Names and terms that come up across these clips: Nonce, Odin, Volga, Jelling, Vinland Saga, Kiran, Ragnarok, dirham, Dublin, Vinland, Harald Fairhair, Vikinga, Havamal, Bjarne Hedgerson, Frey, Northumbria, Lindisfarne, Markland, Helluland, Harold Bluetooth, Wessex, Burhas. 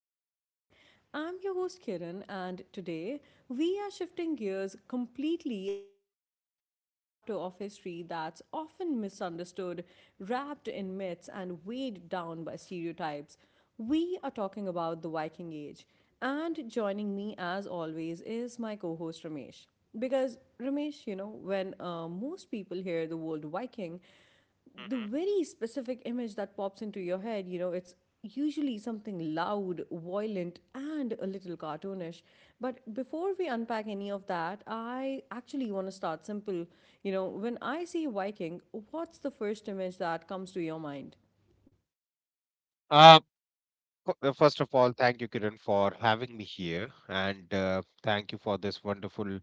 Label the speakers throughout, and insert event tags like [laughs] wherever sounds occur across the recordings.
Speaker 1: Mind Pod. I'm your host Kiran, and today we are shifting gears completely and stepping into a chapter of history that's often misunderstood, wrapped in myths, and weighed down by stereotypes. We are talking about the Viking Age, and joining me as always is my co host Ramesh. Because Ramesh, you know, when most people hear the word Viking, the
Speaker 2: Mm-hmm.
Speaker 1: very specific image that pops into your head, you know, it's usually something loud, violent, and a little cartoonish. But before we unpack any of that, I actually want to start simple. You know, when I say Viking, what's the first image that comes to your mind?
Speaker 2: Uh, First of all, thank you, Kiran, for having me here, and thank you for this wonderful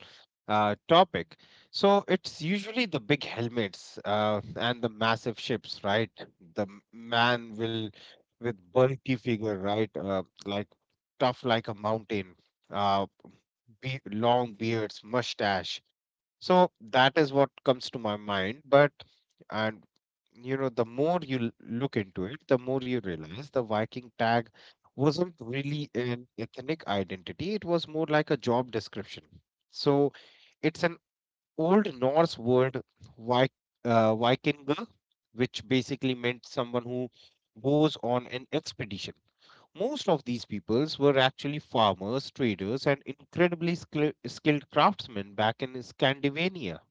Speaker 2: topic. So it's usually the big helmets and the massive ships, right? Man will with bulky figure, right? Like tough like a mountain, uh, long beards, mustache. So that is what comes to my mind. But and you know, the more you look into it, the more you realize the Viking tag wasn't really an ethnic identity. It was more like a job description. So it's an old Norse word, Vik, Vikinga, which basically meant someone who goes on an expedition. Most of these peoples were actually farmers, traders, and incredibly skilled craftsmen back in Scandinavia.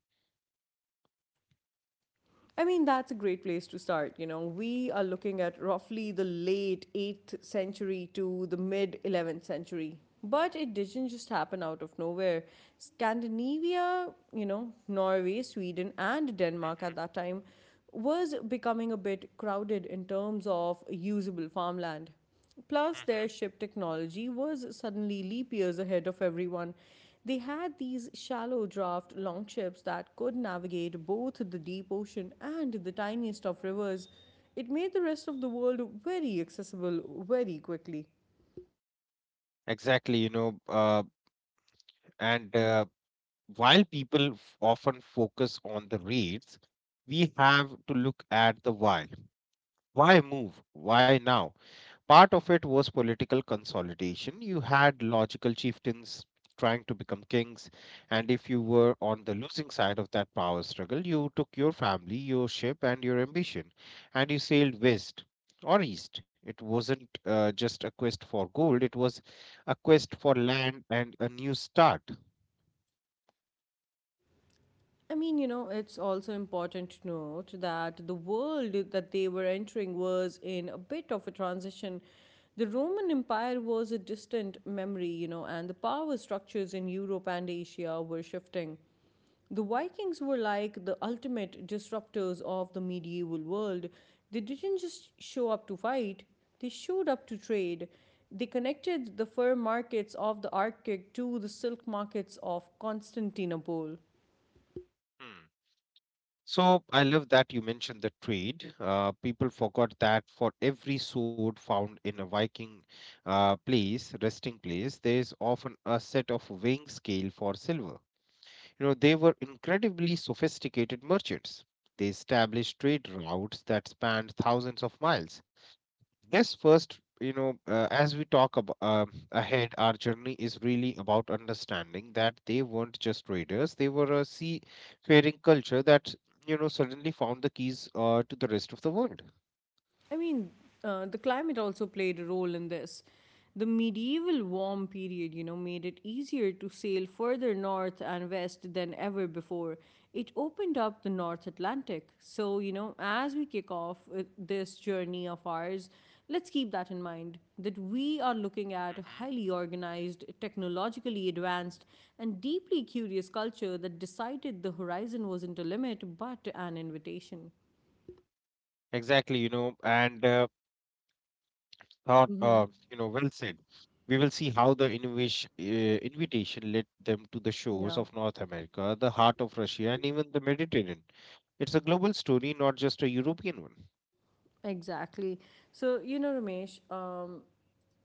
Speaker 1: I mean, that's a great place to start. You know, we are looking at roughly the late 8th century to the mid 11th century. But it didn't just happen out of nowhere. Scandinavia, you know, Norway, Sweden, and Denmark
Speaker 2: Mhm,
Speaker 1: at that time was becoming a bit crowded in terms of usable farmland. Plus,
Speaker 2: mhm.
Speaker 1: their ship technology was suddenly leap years ahead of everyone. They had these shallow draft longships that could navigate both the deep ocean and the tiniest of rivers. It made the rest of the world very accessible very quickly.
Speaker 2: Exactly, you know, and while people often focus on the rates, we have to look at the why. Why move? Why now? Part of it was political consolidation. You had logical chieftains trying to become kings, and if you were on the losing side of that power struggle, you took your family, your ship, and your ambition, and you sailed west or east. It wasn't just a quest for gold, it was a quest for land and a new start.
Speaker 1: I mean, you know, it's also important to note that the world that they were entering was in a bit of a transition. The Roman Empire was a distant memory, you know, and the power structures in Europe and Asia were shifting. The Vikings were like the ultimate disruptors of the medieval world. They didn't just show up to fight, they showed up to trade. They connected the fur markets of the Arctic to the silk markets of Constantinople.
Speaker 2: Hmm. So I love that you mentioned the trade. People forgot that for every sword found in a Viking resting place, there is often a set of weighing scale for silver. You know, they were incredibly sophisticated merchants. They established trade routes that spanned thousands of miles. Yes, first, as we talk ahead, our journey is really about understanding that they weren't just traders; they were a seafaring culture that, you know, suddenly found the keys to the rest of the world.
Speaker 1: I mean, the climate also played a role in this. The medieval warm period, you know, made it easier to sail further north and west than ever before. It opened up the North Atlantic. So, you know, as we kick off this journey of ours, let's keep that in mind that we are looking at a
Speaker 2: Mhm.
Speaker 1: highly organized, technologically advanced, and deeply curious culture that decided the horizon wasn't a limit but an invitation.
Speaker 2: Exactly,
Speaker 1: Hmm.
Speaker 2: you know, well said. We will see how the invitation led them to the shores
Speaker 1: Yeah.
Speaker 2: of North America, the heart of Russia, and even the Mediterranean. It's a global story, not just a European one.
Speaker 1: Exactly. So, you know, Ramesh,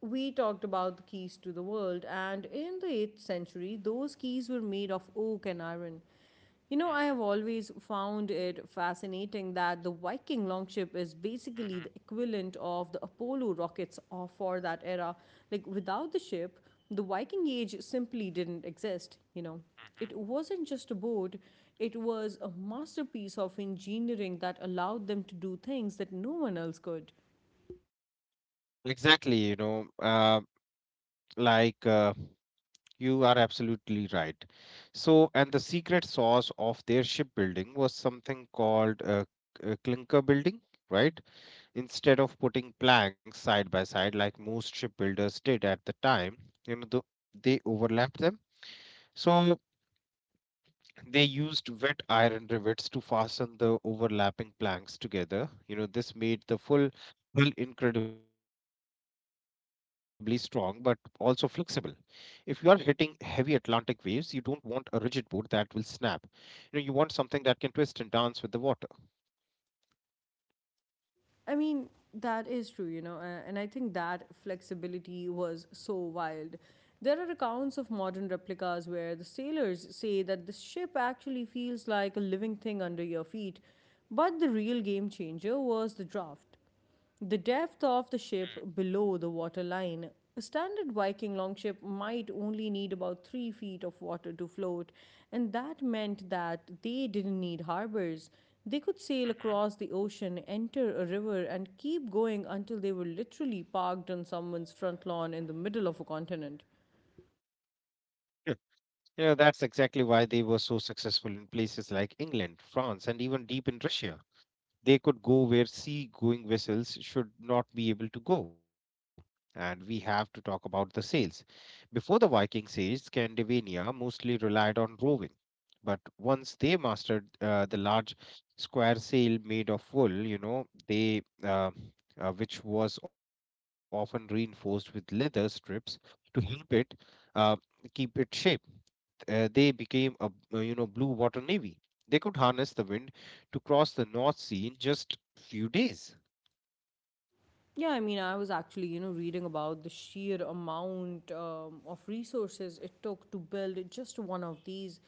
Speaker 1: we talked about the keys to the world, and in the 8th century, those keys were made of oak and iron. You know, I
Speaker 2: hmm
Speaker 1: have always found it fascinating that the Viking longship is basically
Speaker 2: hmm
Speaker 1: the equivalent of the Apollo rockets for that era. Like, without the ship, the Viking age simply didn't exist, you know. It wasn't just a boat, it was a masterpiece of engineering that allowed them to do things that no one else could.
Speaker 2: Exactly, like uh, you are absolutely right. So, and the secret sauce of their shipbuilding was something called clinker building, right? Instead of putting planks side by side like most shipbuilders did at the time, you know, the, they overlapped them. So, they used wet iron rivets to fasten the overlapping planks together. You know, this made the full hull incredibly strong but also flexible. If you are hitting heavy Atlantic waves, you don't want a rigid board that will snap. You know, you want something that can twist and dance with the water.
Speaker 1: I mean, that is true, you know, and I think that flexibility was so wild. There are accounts of modern replicas where the sailors say that the ship actually feels like a living thing under your feet, but the real game changer was the draft. The depth of the ship below the waterline. A standard Viking longship might only need about 3 feet of water to float, and that meant that they didn't need harbors. They could sail
Speaker 2: hmm
Speaker 1: across the ocean, enter a river, and keep going until they were literally parked on someone's front lawn in the middle of a continent.
Speaker 2: Yeah. You know, that's exactly why they were so successful in places like England, France, and even deep in Russia. They could go where sea going vessels should not be able to go. And we have to talk about the sails. Before the Vikings age, Scandinavia mostly relied on roving. But once they mastered the large square sail made of wool, you know, they which was often reinforced with leather strips to help it uh, keep its shape they became a you know blue water navy. They could harness the wind to cross the North Sea in just few days.
Speaker 1: Yeah, I mean, I was actually, you know, reading about the sheer amount of resources it took to build just one of these.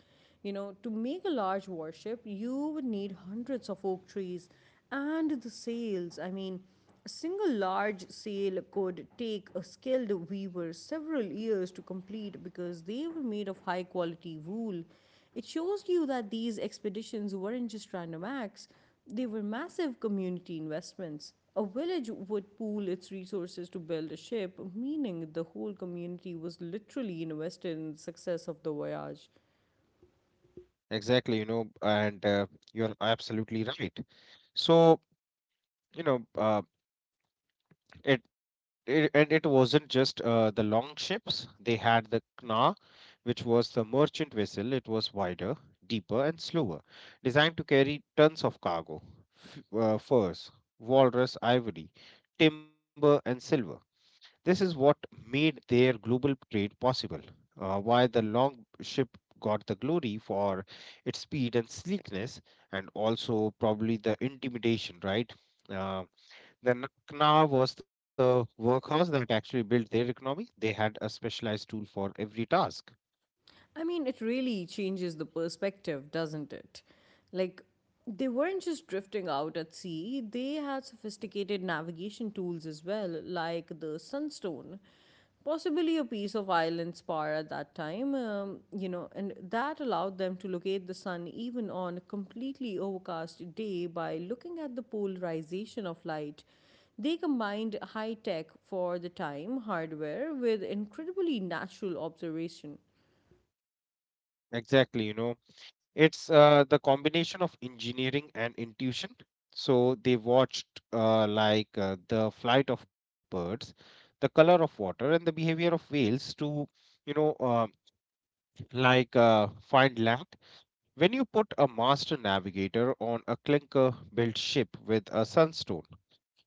Speaker 1: You know, to make a large warship, you would need hundreds of oak trees and the sails. I mean, a single large sail could take a skilled weaver several years to complete because they were made of high quality wool. It shows you that these expeditions weren't just random acts, they were massive community investments. A village would pool its resources to build a ship, meaning the whole community was literally invested in the success of the voyage.
Speaker 2: Exactly, you know, and you're absolutely right. So you know, uh, it wasn't just the long ships. They had the Knaa, which was the merchant vessel. It was wider, deeper, and slower, designed to carry tons of cargo, furs, walrus, ivory, timber, and silver. This is what made their global trade possible, why the long ship got the glory for its speed and sleekness, and also probably the intimidation, right? Uh, the Knaa was the workhorse that actually built their economy. They had a specialized tool for every task.
Speaker 1: I mean, it really changes the perspective, doesn't it? Like, they weren't just drifting out at sea, they had sophisticated navigation tools as well, like the sunstone, possibly a piece of island spar at that time, you know, and that allowed them to locate the sun even on a completely overcast day by looking at the polarization of light. They combined high tech for the time hardware with incredibly natural observation.
Speaker 2: Exactly, you know, it's the combination of engineering and intuition so they watched the flight of birds, the color of water and the behavior of whales to you know uh, find land. When you put a master navigator on a clinker built ship with a sunstone,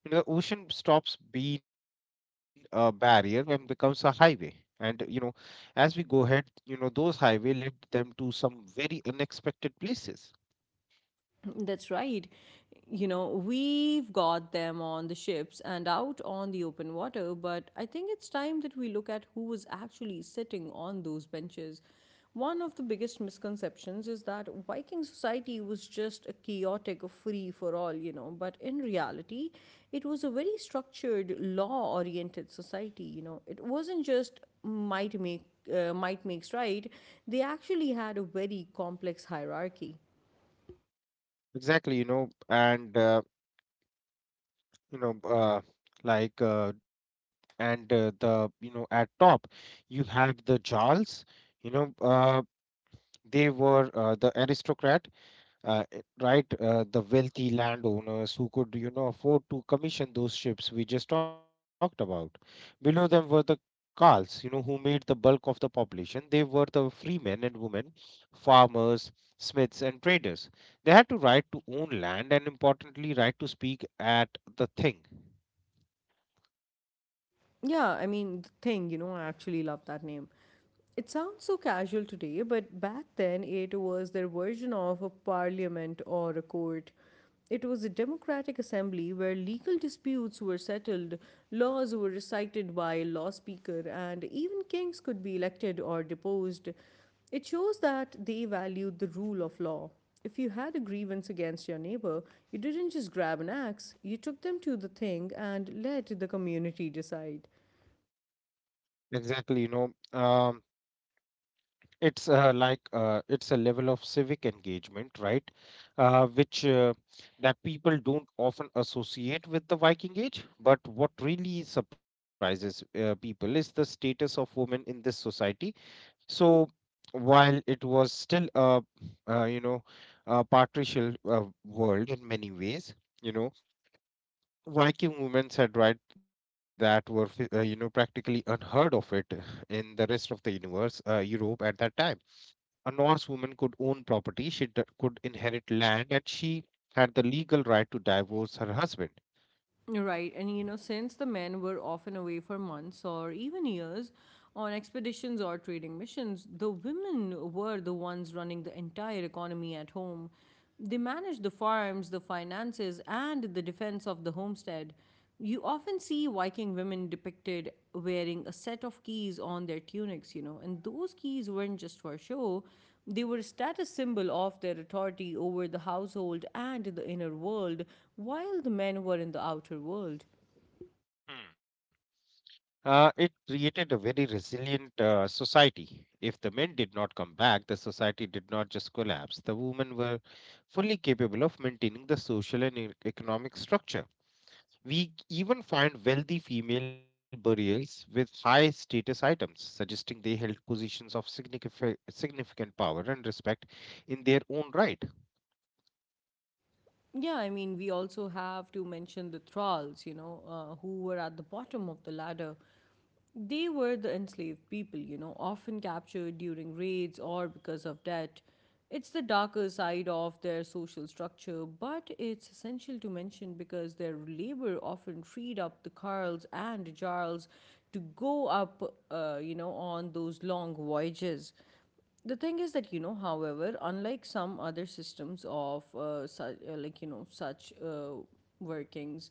Speaker 2: you know, the ocean stops being a barrier and becomes a highway, and you know as we go ahead you know those highway led them to some very unexpected places.
Speaker 1: That's right. You know, we've got them on the ships and out on the open water, but I think it's time that we look at who was actually sitting on those benches. One of the biggest misconceptions is that Viking society was just a chaotic free for all, you know, but in reality, it was a very structured, law oriented society, you know. It wasn't just might makes right, they actually had a very complex hierarchy.
Speaker 2: Exactly, you know, and you know, like, and the you know, at top, you had the Jarls, you know, uh, they were the aristocrat, right? The wealthy landowners who could, you know, afford to commission those ships we just talked about. Below them were the Carls, you know, who made the bulk of the population. They were the free men and women, farmers, smiths, and traders. They had to right to own land and, importantly, right to speak at the thing.
Speaker 1: Yeah, I mean, the thing, you know, I actually love that name. It sounds so casual today, but back then it was their version of a parliament or a court. It was a democratic assembly where legal disputes were settled, laws were recited by a law speaker, and even kings could be elected or deposed. It shows that they valued the rule of law. If you had a grievance against your neighbor, you didn't just grab an axe, you took them to the thing and let the community decide.
Speaker 2: Exactly, you know, it's a level of civic engagement right which that people don't often associate with the viking age, but what really surprises people is the status of women in this society. So while it was still a you know a patricial world in many ways, you know, viking women had rights that were you know practically unheard of it in the rest of the universe europe at that time. A Norse woman could own property, could inherit land, and she had the legal right to divorce her husband.
Speaker 1: Right, and you know, since the men were often away for months or even years on expeditions or trading missions, the women were the ones running the entire economy at home. They managed the farms, the finances, and the defense of the homestead. You often see Viking women depicted wearing a set of keys on their tunics, you know, and those keys weren't just for show, they were a status symbol of their authority over the household and the inner world, while the men were in the outer world.
Speaker 2: Hmm. It created a very resilient society. If the men did not come back, the society did not just collapse. The women were fully capable of maintaining the social and economic structure. We even find wealthy female burials with high status items, suggesting they held positions of significant power and respect in their own right.
Speaker 1: Yeah, I mean, we also have to mention the thralls, you know, who were at the bottom of the ladder. They were the enslaved people, you know, often captured during raids or because of debt. It's the darker side of their social structure, but it's essential to mention because their labor often freed up the Carls and Jarls to go up, you know, on those long voyages. The thing is that, you know, however, unlike some other systems of like, you know, such workings,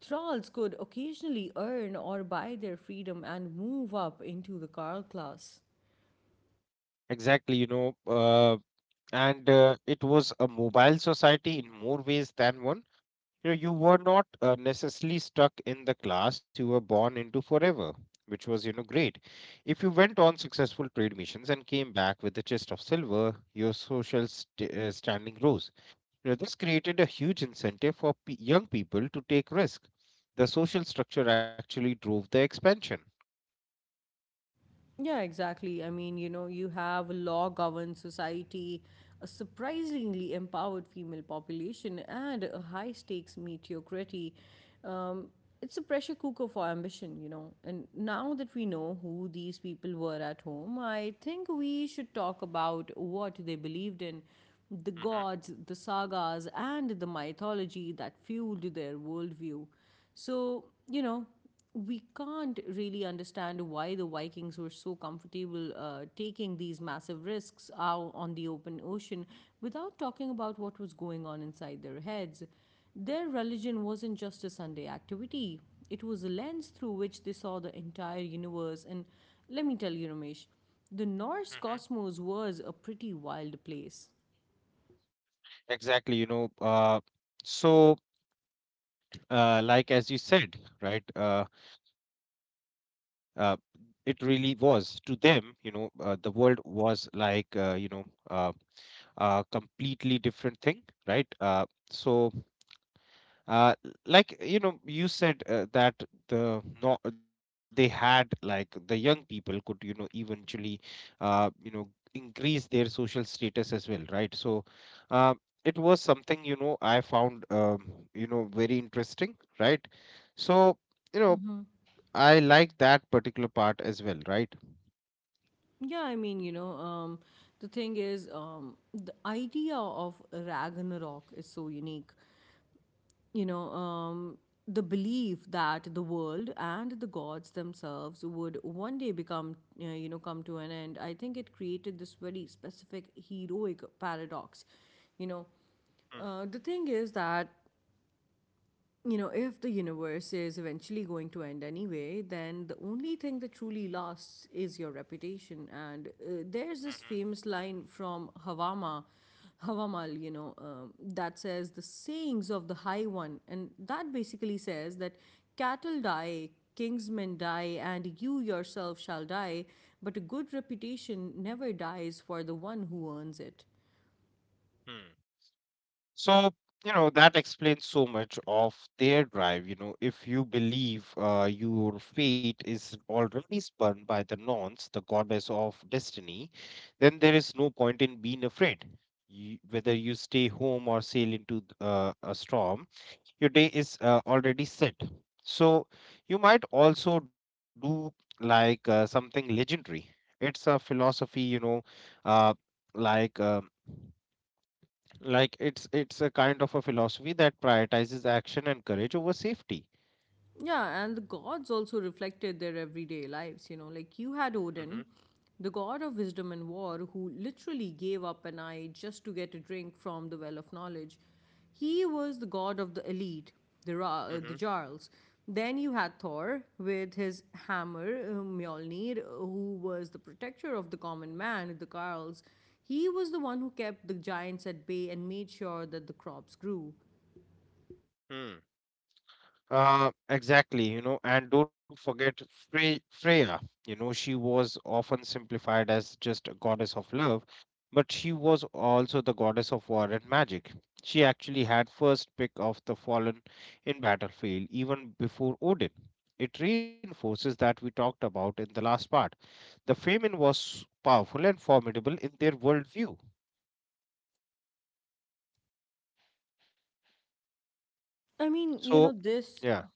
Speaker 1: thralls could occasionally earn or buy their freedom and move up into the Karl class.
Speaker 2: Exactly, you know, and it was a mobile society in more ways than one. You know, you were not necessarily stuck in the class you were born into forever, which was, you know, great. If you went on successful trade missions and came back with a chest of silver, your standing rose. You know, this created a huge incentive for pe young people to take risk. The social structure actually drove the expansion.
Speaker 1: Yeah, exactly. I mean, you know, you have a law governed society, a surprisingly empowered female population, and a high stakes mediocrity. Um, it's a pressure cooker for ambition, you know. And now that we know who these people were at home, I think we should talk about what they believed in: the
Speaker 2: hmm
Speaker 1: gods, the sagas, and the mythology that fueled their worldview. So, you know, we can't really understand why the Vikings were so comfortable taking these massive risks out on the open ocean without talking about what was going on inside their heads. Their religion wasn't just a Sunday activity, it was a lens through which they saw the entire universe. And let me tell you, Ramesh, the
Speaker 2: hmm
Speaker 1: Norse cosmos was a pretty wild place.
Speaker 2: Exactly, so as you said, right? Uh, it really was to them, the world was like uh, a completely different thing, right so uh like you know you said that the no, they had like the young people could you know eventually you know increase their social status as well, uh it was something, you know, I found very interesting, so you know I like that particular part as well, right.
Speaker 1: Yeah, I mean, you know, the thing is, the idea of Ragnarok is so unique. You know, the belief that the world and the gods themselves would one day become, you know, come to an end. I think it created this very specific heroic paradox. You know,
Speaker 2: Mm,
Speaker 1: the thing is that, you know, if the universe is eventually going to end anyway, then the only thing that truly lasts is your reputation. And
Speaker 2: mhm,
Speaker 1: there's this famous line from Havamal, you know, that says the sayings of the High One. And that basically says that cattle die, kingsmen die, and you yourself shall die, but a good reputation never dies for the one who earns it.
Speaker 2: mm. So, you know, that explains so much of their drive. You know, if you believe your fate is already spun by the Nonce, the goddess of destiny, then there is no point in being afraid. You, whether you stay home or sail into a storm, your day is already set. So you might also do something legendary. It's a philosophy, you know, uh, like uh, it's a kind of a philosophy that prioritizes action and courage over safety.
Speaker 1: Yeah, and the gods also reflected their everyday lives, you know. Like you had
Speaker 2: Mm-hmm.
Speaker 1: Odin, the god of wisdom and war, who literally gave up an eye just to get a drink from the well of knowledge. He was the god of the elite, the, the Jarls. Then you had Thor with his hammer, Mjolnir, who was the protector of the common man, the Jarls. He was the one who kept the giants at bay and made sure that the crops grew.
Speaker 2: Mm-hmm. Exactly, you know, and don't forget Freya. You know, she was often simplified as just a goddess of love, but she was also the goddess of war and magic. She actually had first pick of the fallen in battlefield even before Odin. It reinforces that we talked about in the last part. The Femen was powerful and formidable in their worldview.
Speaker 1: I mean, you know,
Speaker 2: So,
Speaker 1: this
Speaker 2: yeah,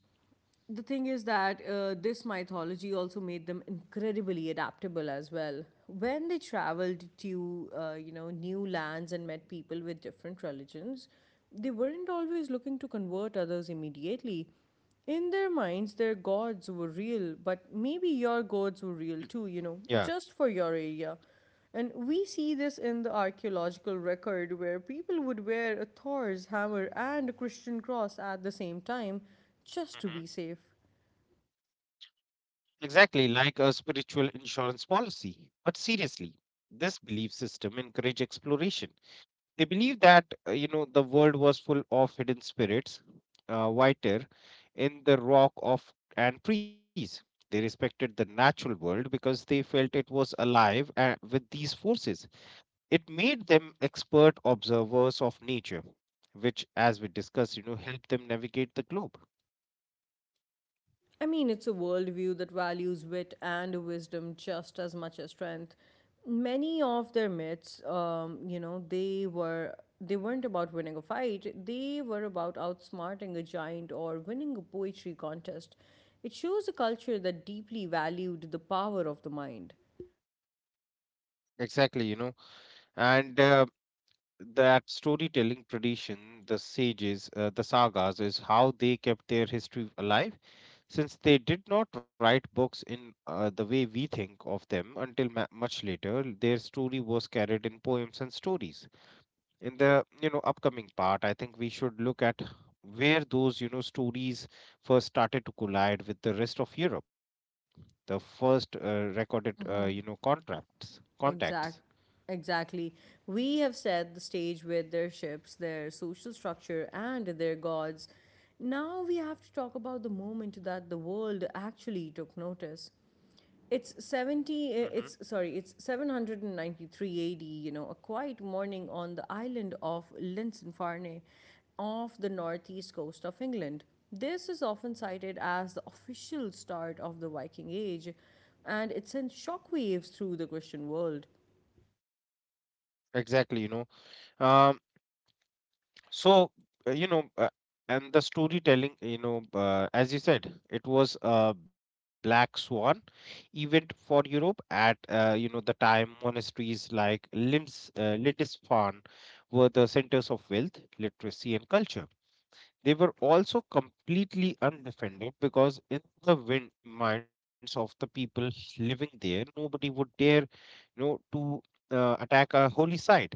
Speaker 1: the thing is that this mythology also made them incredibly adaptable as well. When they traveled to, you know, new lands and met people with different religions, they weren't always looking to convert others immediately. In their minds, their gods were real, but maybe your gods were real too, you know,
Speaker 2: yeah.
Speaker 1: just for your area. And we see this in the archaeological record where people would wear a Thor's hammer and a Christian cross at the same time just to be safe.
Speaker 2: Mhm. Exactly, like a spiritual insurance policy. But seriously, this belief system encourage exploration. They believe that you know the world was full of hidden spirits, whiter in the rock of and trees. They respected the natural world because they felt it was alive with these forces. It made them expert observers of nature, which, as we discussed, you know, helped them navigate the globe.
Speaker 1: I mean, it's a worldview that values wit and wisdom just as much as strength. Many of their myths, they weren't about winning a fight. They were about outsmarting a giant or winning a poetry contest. It shows a culture that deeply valued the power of the mind.
Speaker 2: Exactly, you know, and that storytelling tradition, the sagas, is how they kept their history alive, since they did not write books in the way we think of them until much later. Their story was carried in poems and stories. In the, you know, upcoming part, I think we should look at where those, you know, stories first started to collide with the rest of Europe, the first recorded, contacts.
Speaker 1: Exact, exactly. We have set the stage with their ships, their social structure, and their gods. Now we have to talk about the moment that the world actually took notice. It's
Speaker 2: hmm
Speaker 1: 70, uh, it's sorry, it's 793 AD, you know, a quiet morning on the island of Linsinfarne off the northeast coast of England. This is often cited as the official start of the Viking Age, and it sent shockwaves through the Christian world.
Speaker 2: Exactly, you know. Um, so, uh, you know, uh, and the storytelling, as you said, it was a Black Swan event for Europe at, the time monasteries like Lindisfarne were the centers of wealth, literacy, and culture. They were also completely undefended because in the minds of the people living there, nobody would dare, to attack a holy site.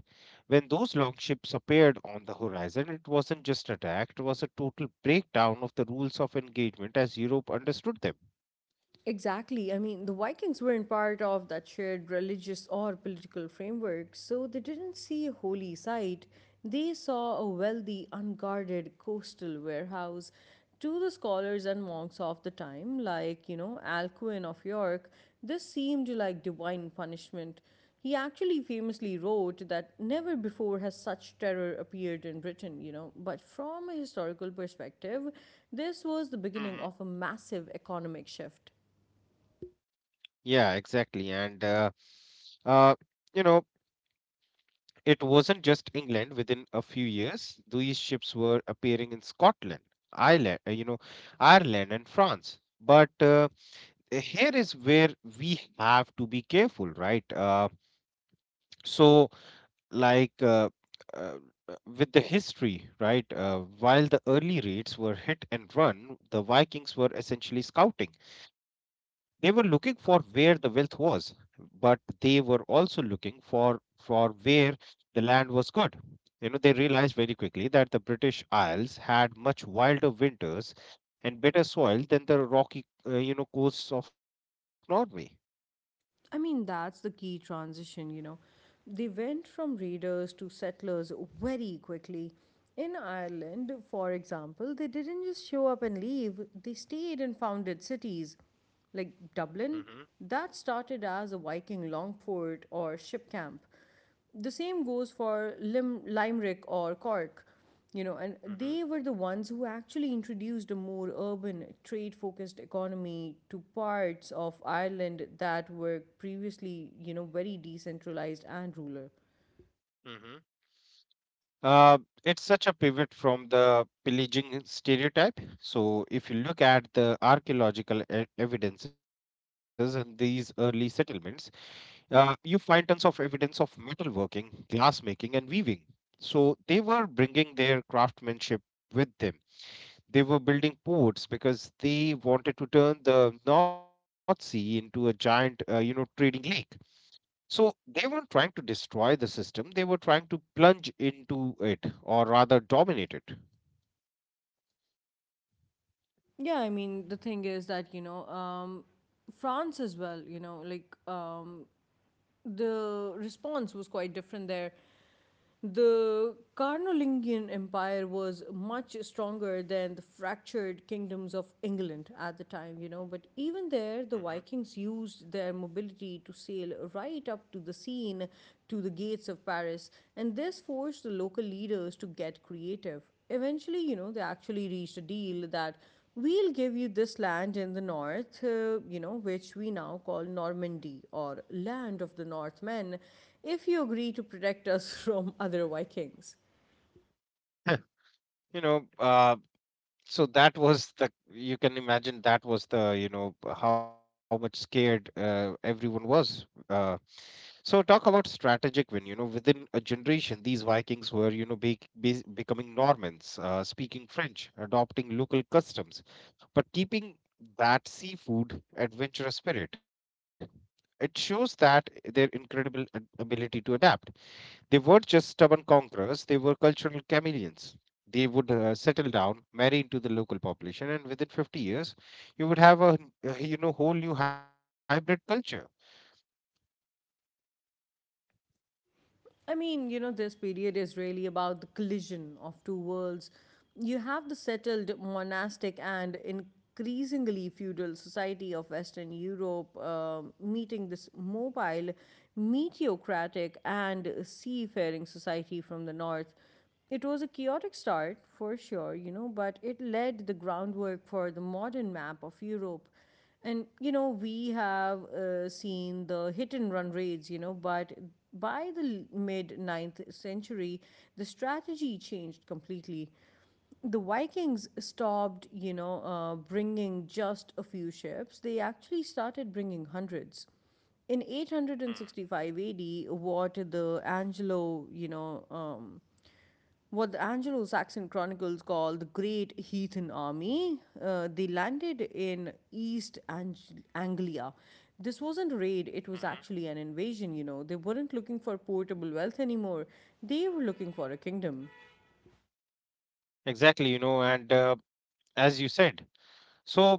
Speaker 2: When those long ships appeared on the horizon, it wasn't just attack; it was a total breakdown of the rules of engagement as Europe understood them.
Speaker 1: Exactly. I mean, the Vikings weren't part of that shared religious or political framework, so they didn't see a holy site. They saw a wealthy, unguarded coastal warehouse. To the scholars and monks of the time, like, you know, Alcuin of York, this seemed like divine punishment. He actually famously wrote that never before has such terror appeared in Britain, you know. But from a historical perspective, this was the beginning of a
Speaker 2: Mhm.
Speaker 1: massive economic shift.
Speaker 2: Yeah, exactly. Uh, you know, it wasn't just England. Within a few years, these ships were appearing in Scotland, Ireland, uh, you know, Ireland and France. But Here is where we have to be careful, right? So, like uh, uh, with the history, right? While the early raids were hit and run, the Vikings were essentially scouting. They were looking for where the wealth was, but they were also looking for where the land was good. You know, they realized very quickly that the British Isles had much wilder winters and better soil than the rocky, coasts of Norway.
Speaker 1: I mean, that's the key transition, you know. They went from raiders to settlers very quickly. In Ireland, for example, they didn't just show up and leave, they stayed and founded cities. Like Dublin,
Speaker 2: Mm-hmm.
Speaker 1: that started as a Viking long fort or ship camp. The same goes for Limerick or Cork, you know, and
Speaker 2: Mm-hmm.
Speaker 1: they were the ones who actually introduced a more urban, trade focused economy to parts of Ireland that were previously, you know, very decentralized and rural.
Speaker 2: Mm-hmm. Uh, it's such a pivot from the pillaging stereotype. So, if you look at the archaeological evidences in these early settlements, you find tons of evidence of metalworking, glass making, and weaving. So they were bringing their craftsmanship with them. They were building ports because they wanted to turn the North Sea into a giant, trading lake. So they weren't trying to destroy the system. They were trying to plunge into it, or rather dominate it.
Speaker 1: Yeah, I mean, the thing is that, you know, France as well, you know, like the response was quite different there. The Carlovingian Empire was much stronger than the fractured kingdoms of England at the time, you know. But even
Speaker 2: Mhm.
Speaker 1: there, the Vikings used their mobility to sail right up to the Seine, to the gates of Paris, and this forced the local leaders to get creative. Eventually, you know, they actually reached a deal that we'll give you this land in the north, you know, which we now call Normandy or land of the Northmen, if you agree to protect us [laughs] from other Vikings.
Speaker 2: [laughs] you know, uh, so that was the, you can imagine that was the, you know, how much scared, everyone was, uh, so talk about strategic win. You know, within a generation, these Vikings were, you know, becoming Normans, speaking French, adopting local customs, but keeping that seafood adventurous spirit. It shows that their incredible ability to adapt. They weren't just stubborn conquerors, they were cultural chameleons. They would settle down, marry into the local population, and within 50 years, you would have a, whole new hybrid culture.
Speaker 1: I mean, you know, this period is really about the collision of two worlds. You have the settled monastic and increasingly feudal society of Western Europe meeting this mobile, meteocratic, and seafaring society from the north. It was a chaotic start, for sure, you know, but it laid the groundwork for the modern map of Europe. And, you know, we have seen the hit and run raids, you know, but by the mid ninth century, the strategy changed completely. The Vikings stopped, you know, bringing just a few ships. They actually started bringing hundreds. In 865 AD, what the Angelo, you know, what the Anglo Saxon chronicles call the Great Heathen Army. They landed in Anglia. This wasn't a
Speaker 2: Mm-hmm.
Speaker 1: raid, it was actually an invasion, you know. They weren't looking for portable wealth anymore, they were looking for a kingdom.
Speaker 2: Exactly, you know. And uh, as you said, so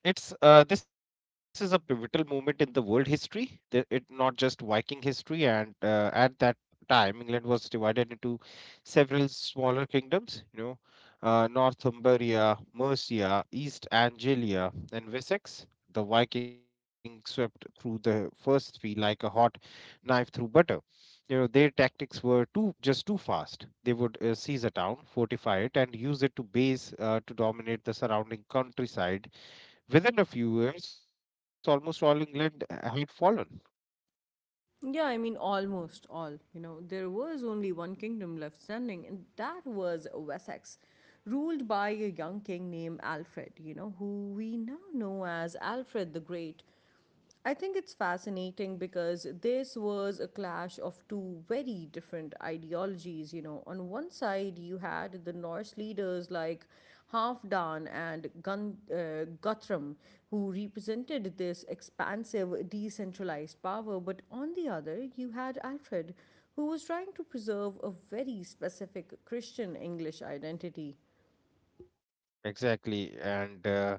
Speaker 2: it's, this is a pivotal moment in the world history. The, it not just Viking history, and at that time, England was divided into several smaller kingdoms. You know, Northumbria, Mercia, East Anglia, and Wessex. The Vikings swept through the first three like a hot knife through butter. You know, their tactics were too just too fast. They would seize a town, fortify it, and use it to base to dominate the surrounding countryside. Within a few years, almost all England had fallen.
Speaker 1: Yeah, I mean, almost all. You know, there was only one kingdom left standing, and that was Wessex, ruled by a young king named Alfred, you know, who we now know as Alfred the Great. I think it's fascinating because this was a clash of two very different ideologies. You know, on one side, you had the Norse leaders like Halfdan and Guthrum, who represented this expansive, decentralized power. But on the other, you had Alfred, who was trying to preserve a very specific Christian English identity.
Speaker 2: Exactly.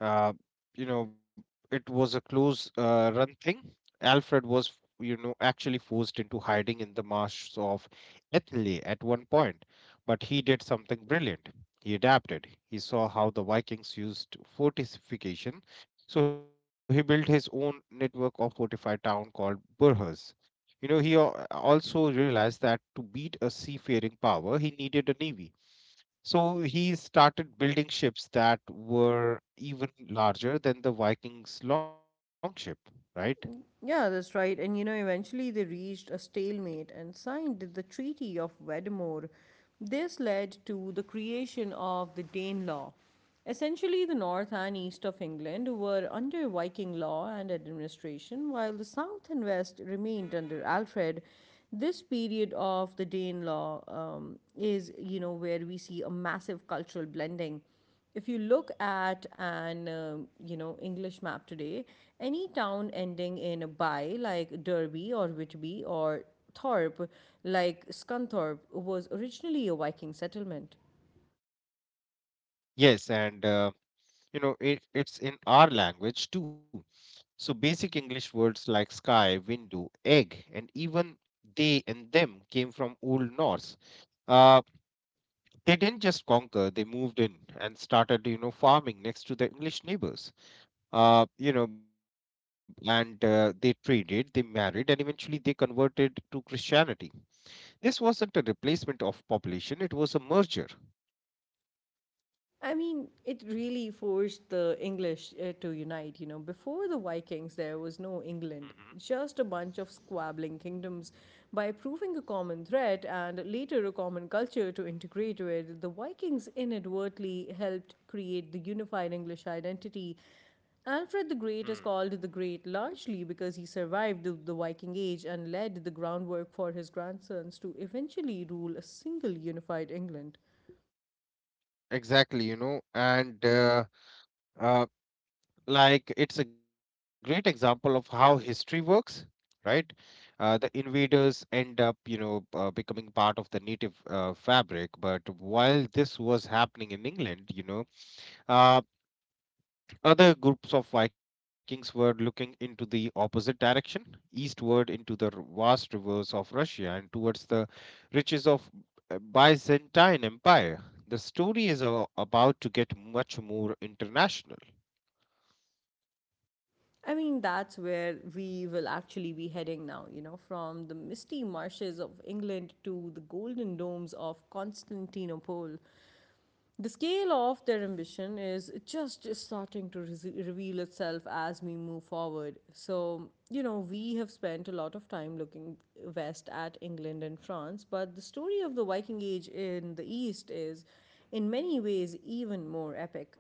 Speaker 2: Uh, you know, it was a close, run thing. Alfred was, you know, actually forced into hiding in the marshes of Ethnley at one point, but he did something brilliant. He adapted. He saw how the Vikings used fortification, so he built his own network of fortified town called Burhas. You know, he also realized that to beat a seafaring power, he needed a navy, so he started building ships that were even larger than the Vikings' longship, right?
Speaker 1: Yeah, that's right. And you know, eventually they reached a stalemate and signed the Treaty of Wedmore. This led to the creation of the Danelaw. Essentially, the north and east of England were under Viking law and administration, while the south and west remained under Alfred. This period of the Danelaw is, you know, where we see a massive cultural blending if you look at an you know English map today, any town ending in by, like Derby or Whitby or Thorpe, like Scunthorpe, was originally a Viking settlement.
Speaker 2: Yes, and, you know, it, it's in our language too. So basic English words like sky, window, egg, and even they and them came from Old Norse. Uh, they didn't just conquer; they moved in and started, you know, farming next to their English neighbors. You know, and They traded, they married, and eventually they converted to Christianity. This wasn't a replacement of population, it was a merger.
Speaker 1: I mean, it really forced the English to unite. You know, before the Vikings, there was no
Speaker 2: Mm-hmm.
Speaker 1: England, just a bunch of squabbling kingdoms. By proving a common threat and later a common culture to integrate with, the Vikings inadvertently helped create the unified English identity. Alfred the
Speaker 2: Mm.
Speaker 1: Great is called the Great largely because he survived the Viking Age and laid the groundwork for his grandsons to eventually rule a single unified England.
Speaker 2: Exactly, you know, and uh, like it's a great example of how history works, right? The invaders end up, you know, becoming part of the native, fabric. But while this was happening in England, you know, uh, other groups of Vikings were looking into the opposite direction, eastward into the vast rivers of Russia and towards the riches of, Byzantine Empire. The story is about to get much more international.
Speaker 1: I mean, that's where we will actually be heading now, you know, from the misty marshes of England to the golden domes of Constantinople. The scale of their ambition is just starting to reveal itself as we move forward. So, you know, we have spent a lot of time looking west at England and France, but the story of the Viking Age in the East is, in many ways, even more epic.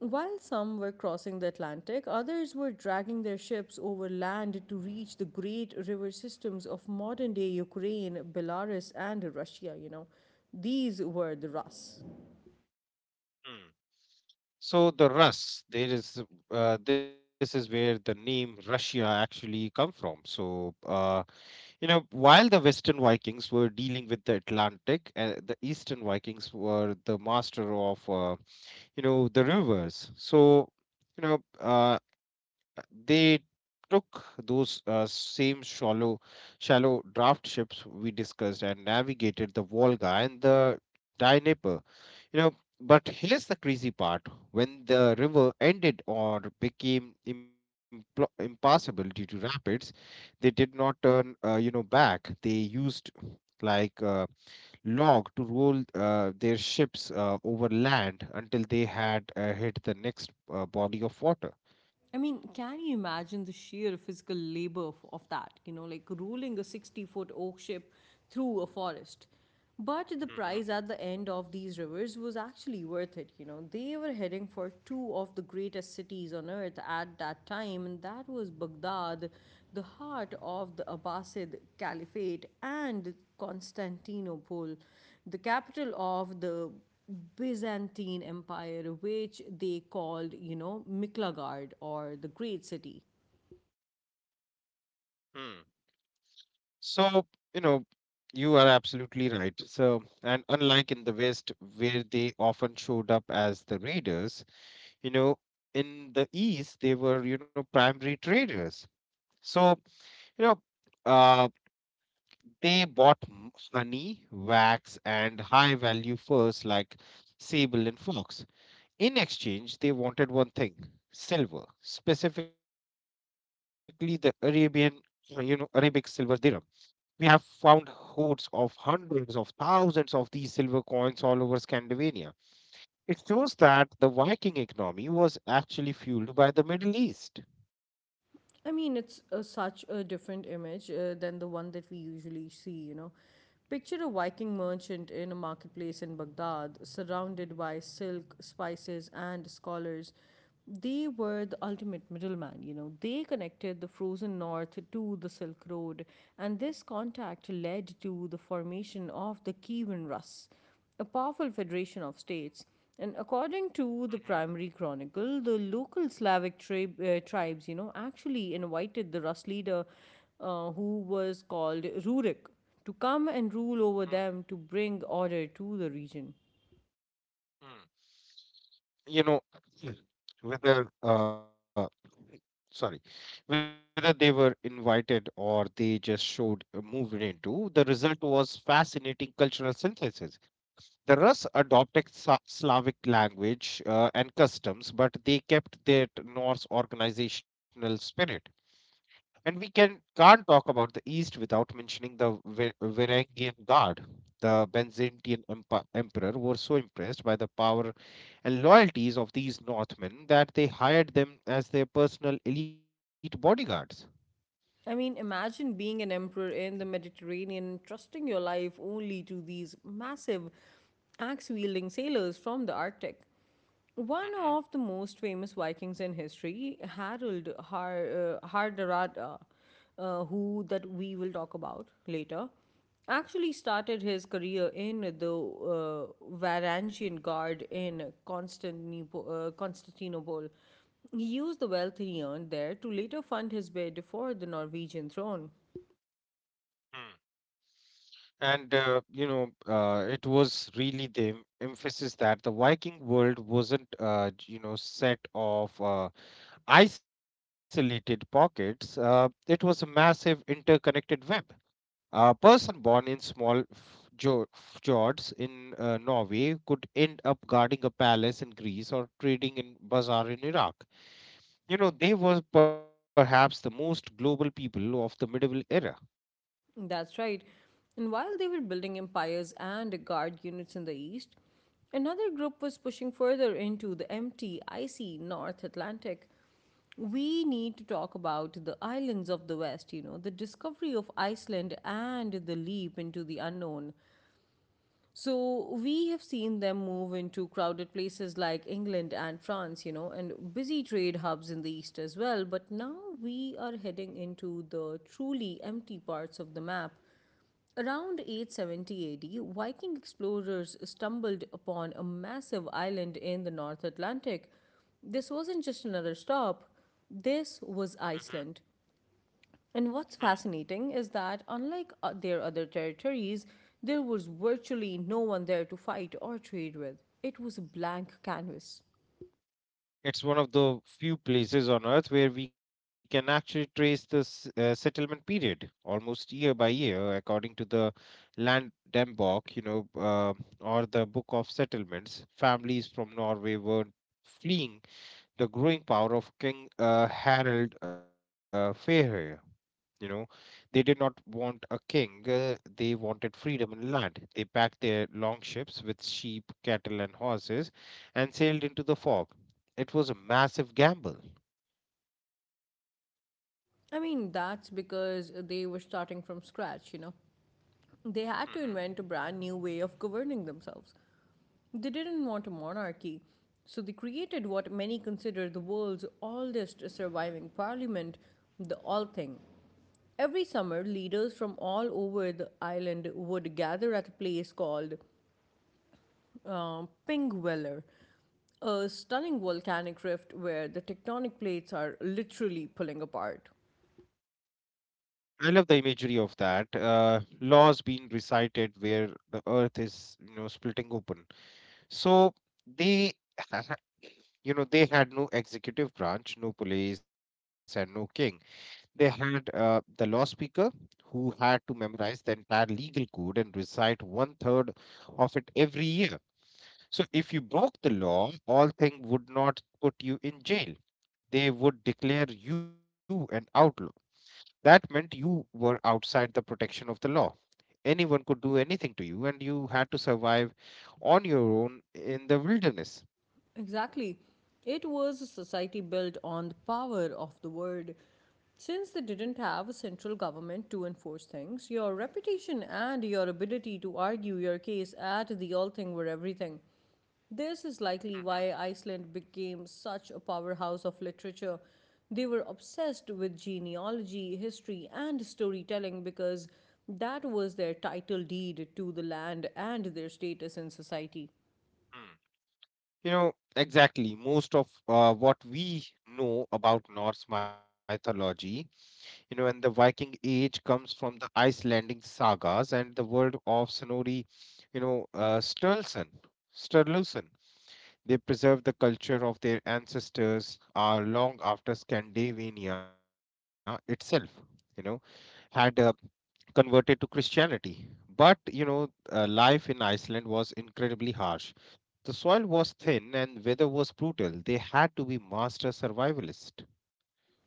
Speaker 1: While some were crossing the Atlantic, others were dragging their ships over land to reach the great river systems of modern day Ukraine, Belarus, and Russia. You know, these were the Rus.
Speaker 2: Hmm. So the Rus, there is, this is where the name Russia actually come from. You know, while the Western Vikings were dealing with the Atlantic, the Eastern Vikings were the master of, the rivers. So you know uh, they took those, same shallow draft ships we discussed and navigated the Volga and the Dnieper, you know. But here's the crazy part: when the river ended or became impassable due to rapids, they did not turn, back. They used, like uh, log to roll, their ships, over land until they had, hit the next, body of water.
Speaker 1: I mean, can you imagine the sheer physical labor of that? You know, like rolling a 60-foot oak ship through a forest. But the
Speaker 2: Hmm.
Speaker 1: prize at the end of these rivers was actually worth it. You know, they were heading for two of the greatest cities on earth at that time, and that was Baghdad, the heart of the Abbasid Caliphate, and Constantinople, the capital of the Byzantine Empire, which they called, you know, Miklagard or the Great City.
Speaker 2: Hmm. So, you know, you are absolutely right. So, and unlike in the West, where they often showed up as the raiders, you know, in the East, they were, you know, primary traders. So, you know, uh, they bought honey, wax, and high value furs like sable and fox. In exchange, they wanted one thing: silver, specifically the Arabian, Arabic silver dirham. We have found hoards of hundreds of thousands of these silver coins all over Scandinavia. It shows that the Viking economy was actually fueled by the Middle East.
Speaker 1: I mean, it's such a different image than the one that we usually see, you know. Picture a Viking merchant in a marketplace in Baghdad, surrounded by silk, spices, and scholars. They were the ultimate middleman, you know. They connected the frozen north to the Silk Road, and this contact led to the formation of the Kievan Rus, a powerful federation of states. And according to the
Speaker 2: Mhm,
Speaker 1: primary chronicle, the local tribes, you know, actually invited the Rus leader, who was called Rurik, to come and rule over them
Speaker 2: mm,
Speaker 1: to bring order to the region.
Speaker 2: mm. You know, [clears throat] whether, sorry, whether they were invited or they just showed moved into, the result was fascinating cultural synthesis. The Rus adopted Slavic language, and customs, but they kept their Norse organizational spirit. And we can't talk about the East without mentioning the Varangian Guard. The Byzantine emperor were so impressed by the power and loyalties of these Northmen that they hired them as their personal elite bodyguards.
Speaker 1: I mean, imagine being an emperor in the Mediterranean, trusting your life only to these massive axe wielding sailors from the Arctic. One of the
Speaker 2: Hmm.
Speaker 1: most famous Vikings in history, Hardrada, who that we will talk about later, actually started his career in the uh, Varangian Guard in Constantinople. He used the wealth he earned there to later fund his bid for the Norwegian throne.
Speaker 2: Hmm. And, you know, it was really the emphasis that the Viking world wasn't, you know, set of, isolated pockets. It was a massive interconnected web. A person born in small fjords in, Norway could end up guarding a palace in Greece or trading in bazaar in Iraq. You know, they were perhaps the most global people of the medieval era.
Speaker 1: That's right. And while they were building empires and guard units in the east, another group was pushing further into the empty, icy North Atlantic. We need to talk about the islands of the West, you know, the discovery of Iceland and the leap into the unknown. So, we have seen them move into crowded places like England and France, you know, and busy trade hubs in the East as well. But now we are heading into the truly empty parts of the map. Around 870 AD, Viking explorers stumbled upon a massive island in the North Atlantic. This wasn't just another stop, this
Speaker 2: Hmm.
Speaker 1: was Iceland. And
Speaker 2: Hmm.
Speaker 1: what's fascinating is that, unlike their other territories, there was virtually no one there to fight or trade with. It was a blank canvas.
Speaker 2: It's one of the few places on earth where we can actually trace the settlement period almost year by year, according to the Land Dembok, you know, uh, or the Book of Settlements. Families from Norway were fleeing the growing power of King, Harald, Fairhair. You know, they did not want a king, they wanted freedom and land. They packed their long ships with sheep, cattle, and horses and sailed into the fog. It was a massive gamble.
Speaker 1: I mean, that's because they were starting from scratch, you know. They
Speaker 2: Hmm.
Speaker 1: had to invent a brand new way of governing themselves. They didn't want a monarchy, so they created what many consider the world's oldest surviving parliament, the Althing. Every summer, leaders from all over the island would gather at a place called uh, Pingweller, a stunning volcanic rift where the tectonic plates are literally pulling apart.
Speaker 2: I love the imagery of that. Laws being recited where the earth is, you know, splitting open. So they, [laughs] ha- ha- you know, they had no executive branch, no police, and no king. They had, the law speaker who had to memorize the entire legal code and recite one third of it every year. So if you broke the law, all thing would not put you in jail. They would declare you an outlaw. That meant you were outside the protection of the law. Anyone could do anything to you, and you had to survive on your own in the wilderness.
Speaker 1: Exactly. It was a society built on the power of the word. Since they didn't have a central government to enforce things, your reputation and your ability to argue your case at the Althing were everything. This is likely
Speaker 2: Hmm.
Speaker 1: why Iceland became such a powerhouse of literature. They were obsessed with genealogy, history, and storytelling because that was their title deed to the land and their status in society.
Speaker 2: Mm. You know, exactly. Most of, what we know about Norse mythology, you know, and the Viking Age comes from the Icelandic sagas and the world of Snorri, you know, Sturluson. They preserve the culture of their ancestors, long after Scandinavia itself, you know, had, converted to Christianity. But, you know, life in Iceland was incredibly harsh. The soil was thin and weather was brutal. They had to be master survivalists.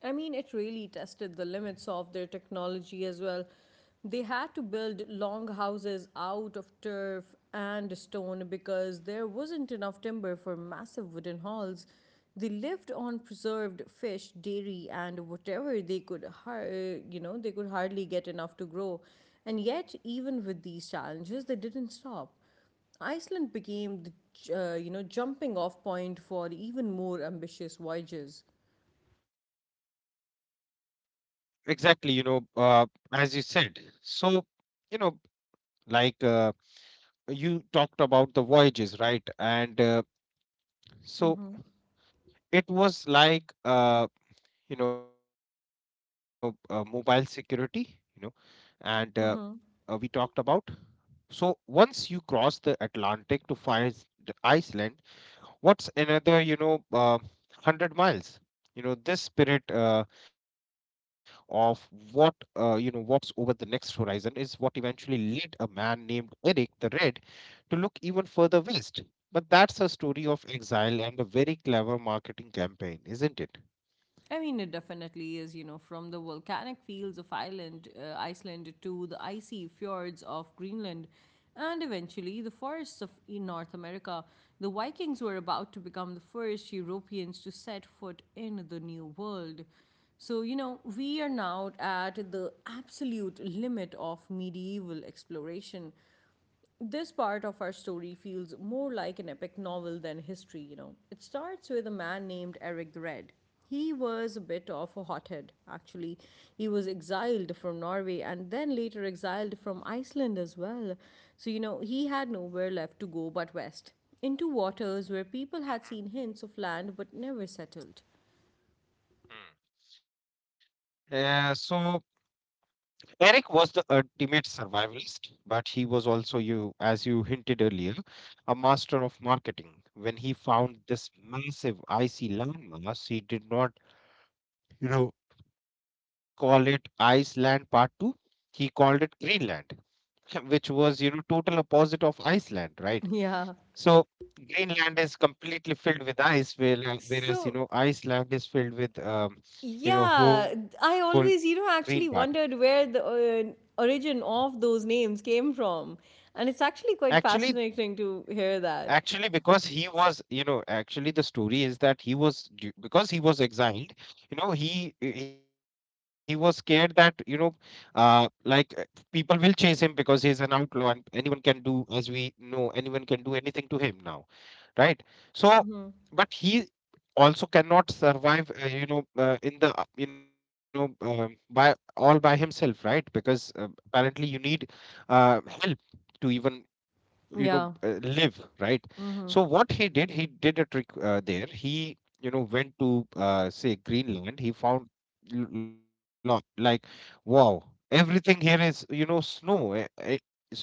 Speaker 1: I mean, it really tested the limits of their technology as well. They had to build long houses out of turf and stone because there wasn't enough timber for massive wooden halls. They lived on preserved fish, dairy, and whatever they could, you know, they could hardly get enough to grow. And yet, even with these challenges, they didn't stop. Iceland became jumping off point for even more ambitious voyages.
Speaker 2: Exactly you know as you said so you know like you talked about the voyages, right? And uh, so it was like uh, you know, mobile security, you know. And uh, uh, we talked about, so once you cross the Atlantic to find Iceland, what's another, you know, 100 miles, you know. This spirit, of what you know, what's over the next horizon is what eventually led a man named Eric the Red to look even further west. But that's a story of exile and a very clever marketing campaign, isn't it?
Speaker 1: I mean, it definitely is, you know, from the volcanic fields of Ireland, Iceland to the icy fjords of Greenland, and eventually the forests of in North America. The Vikings were about to become the first Europeans to set foot in the New World. So, you know, we are now at the absolute limit of medieval exploration. This part of our story feels more like an epic novel than history, you know. It starts with a man named Eric the Red. He was a bit of a hothead, actually. He was exiled from Norway and then later exiled from Iceland as well. So, you know, he had nowhere left to go but west, into waters where people had seen hints of land but never settled.
Speaker 2: Mm-hmm. Yeah, so Eric was the ultimate survivalist, but he was also you, as you hinted earlier, a master of marketing. When he found this massive icy landmass, he did not, you know, call it Iceland Part 2. He called it Greenland, [laughs] which was, you know, total opposite of Iceland, right?
Speaker 1: Yeah.
Speaker 2: So Greenland is completely filled with ice,
Speaker 1: So
Speaker 2: whereas, you know, Iceland is filled with,
Speaker 1: yeah,
Speaker 2: you know,
Speaker 1: I
Speaker 2: whole
Speaker 1: always, you know,
Speaker 2: green
Speaker 1: actually
Speaker 2: part.
Speaker 1: wondered where the origin of those names came from. And it's actually quite
Speaker 2: Actually,
Speaker 1: fascinating to hear that.
Speaker 2: Actually, because he was, you know, actually the story is that because he was exiled, you know, he was scared that, uh like uh, people will chase him because he's an outlaw and anyone can do anything to him now, right?
Speaker 1: Hmm.
Speaker 2: So, but he also cannot survive, you know, in the, you know, by all by himself, right? Because apparently you need help to even
Speaker 1: Yeah.
Speaker 2: live, right?
Speaker 1: Hmm.
Speaker 2: So what he did, he did a trick. There he, went to, say, Greenland. He found, like, wow, everything here is, you know, snow. So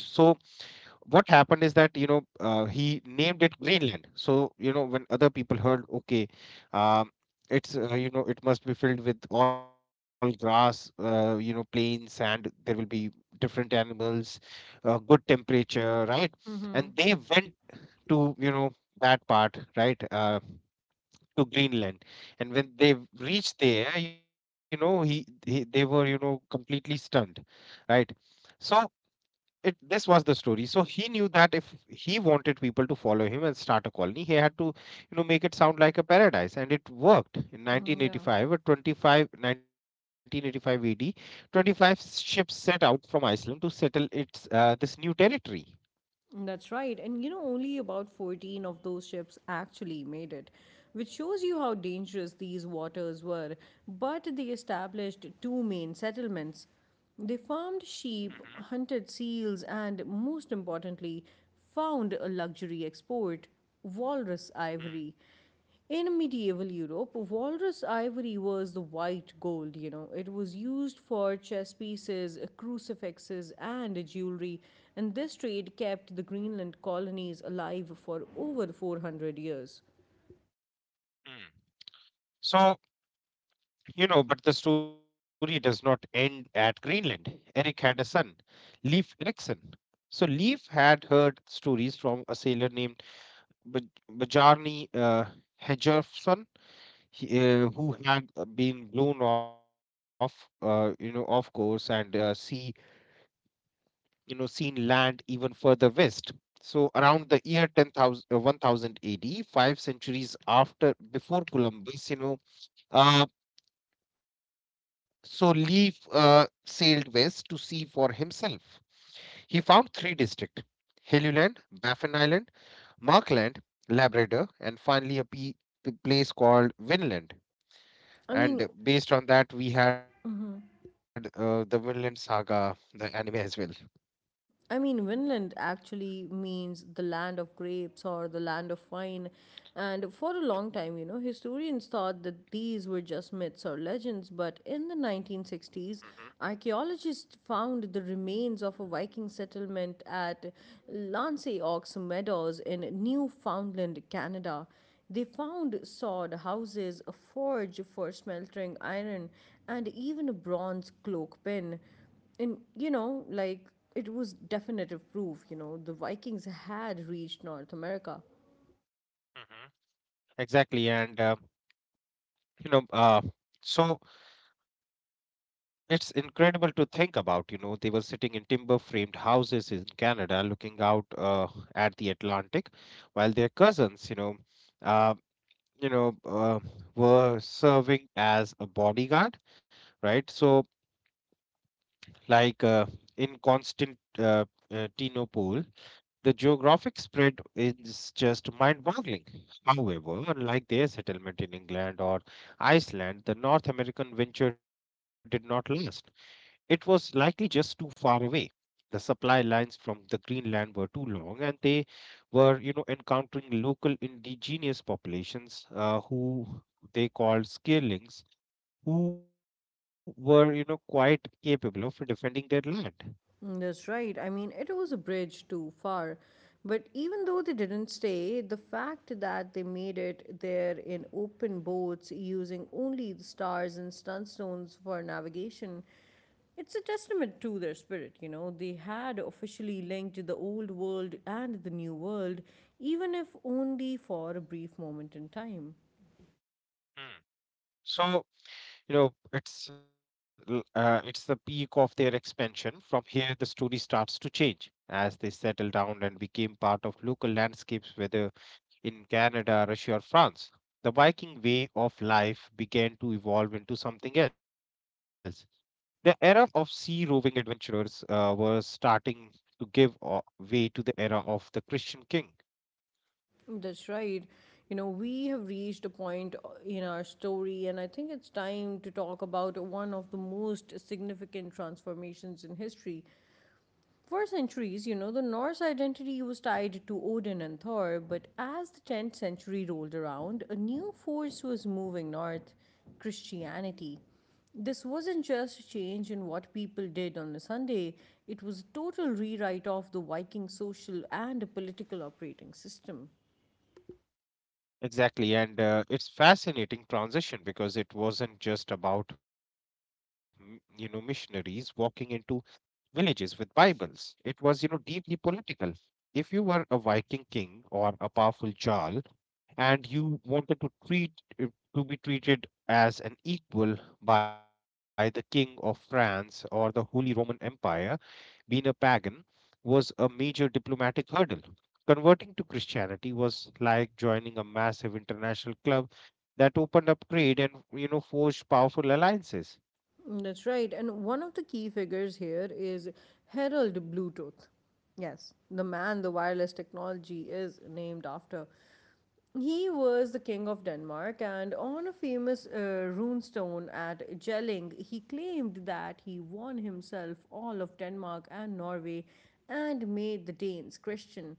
Speaker 2: what happened is that, you know, he named it Greenland. So you know, when other people heard, okay, um, it's, you know, it must be filled with all grass, plain sand. There will be different animals, good temperature, right? And they went to, you know, that part, right? To Greenland, and when they reached there, you know, he they were, you know, completely stunned, right? So it this was the story. So he knew that if he wanted people to follow him and start a colony, he had to, you know, make it sound like a paradise. And it worked. In
Speaker 1: Mm, yeah.
Speaker 2: 1985 or 25, 1985 ad, 25 ships set out from Iceland to settle its this new territory.
Speaker 1: That's right. And you know, only about 14 of those ships actually made it, which shows you how dangerous these waters were. But they established two main settlements. They farmed
Speaker 2: Hmm
Speaker 1: sheep, hunted seals, and most importantly, found a luxury export walrus ivory. In medieval Europe, walrus ivory was the white gold, you know. It was used for chess pieces, crucifixes, and jewelry, and this trade kept the Greenland colonies alive for over 400 years.
Speaker 2: Mm-hmm. So, you know, but the story does not end at Greenland. Eric had a son, Leif Erikson. So Leif had heard stories from a sailor named Bjarne Hedgerson, he- who had been blown off, you know, off course and, seen land even further west. So around the year 10,000, 1000 AD, five centuries before Columbus, uh, so Leif sailed west to see for himself. He found three districts: Helluland, Baffin Island, Markland, Labrador, and finally a place called Vinland.
Speaker 1: I mean,
Speaker 2: And based on that, we had the Vinland Saga, the anime as well.
Speaker 1: I mean, Vinland actually means the land of grapes or the land of wine. And for a long time, you know, historians thought that these were just myths or legends. But in the
Speaker 2: Hmm
Speaker 1: 1960s, archaeologists found the remains of a Viking settlement at Lanceox Meadows in Newfoundland, Canada. They found sod houses, a forge for smelting iron, and even a bronze cloak pin. And you know, like it was definitive proof, you know, the Vikings had reached North America.
Speaker 2: hmm Exactly, and you know, uh, so it's incredible to think about. You know, they were sitting in timber-framed houses in Canada, looking out at the Atlantic, while their cousins, uh, you know, uh, were serving as a bodyguard, right? So, Like uh, in Constantinople, the geographic spread is just mind boggling. However, unlike their settlement in England or Iceland, the North American venture did not last. It was likely just too far away. The supply lines from the Greenland were too long, and they were, you know, encountering local indigenous populations who they called skirlings, who were, you know, quite capable of defending their land.
Speaker 1: Mm, that's right. I mean, it was a bridge too far. But even though they didn't stay, the fact that they made it there in open boats using only the stars and stunstones for navigation, it's a testament to their spirit, you know. They had officially linked the old world and the new world, even if only for a brief moment in time.
Speaker 2: Hmm. So, you know, it's the peak of their expansion. From here, the story starts to change as they settled down and became part of local landscapes, whether in Canada, Russia, or France. The Viking way of life began to evolve into something else. The era of sea roving adventurers was starting to way to the era of the Christian king.
Speaker 1: That's right. You know, we have reached a point in our story, and I think it's time to talk about one of the most significant transformations in history. For centuries, you know, the Norse identity was tied to Odin and Thor, but as the 10th century rolled around, a new force was moving north Christianity. This wasn't just a change in what people did on a Sunday, it was a total rewrite of the Viking social and political operating system.
Speaker 2: Exactly, and it's fascinating transition because it wasn't just about you know, missionaries walking into villages with Bibles. It was, you know, deeply political. If you were a Viking king or a powerful jarl, and you wanted to treat uh, to be treated as an equal by the king of France or the Holy Roman Empire, being a pagan was a major diplomatic hurdle. Converting to Christianity was like joining a massive international club that opened up trade and, you know, forged powerful alliances.
Speaker 1: Mm, that's right. And one of the key figures here is Harold Bluetooth. Yes, the man the wireless technology is named after. He was the king of Denmark, and on a famous runestone at Jelling, he claimed that he won himself all of Denmark and Norway and made the Danes Christian.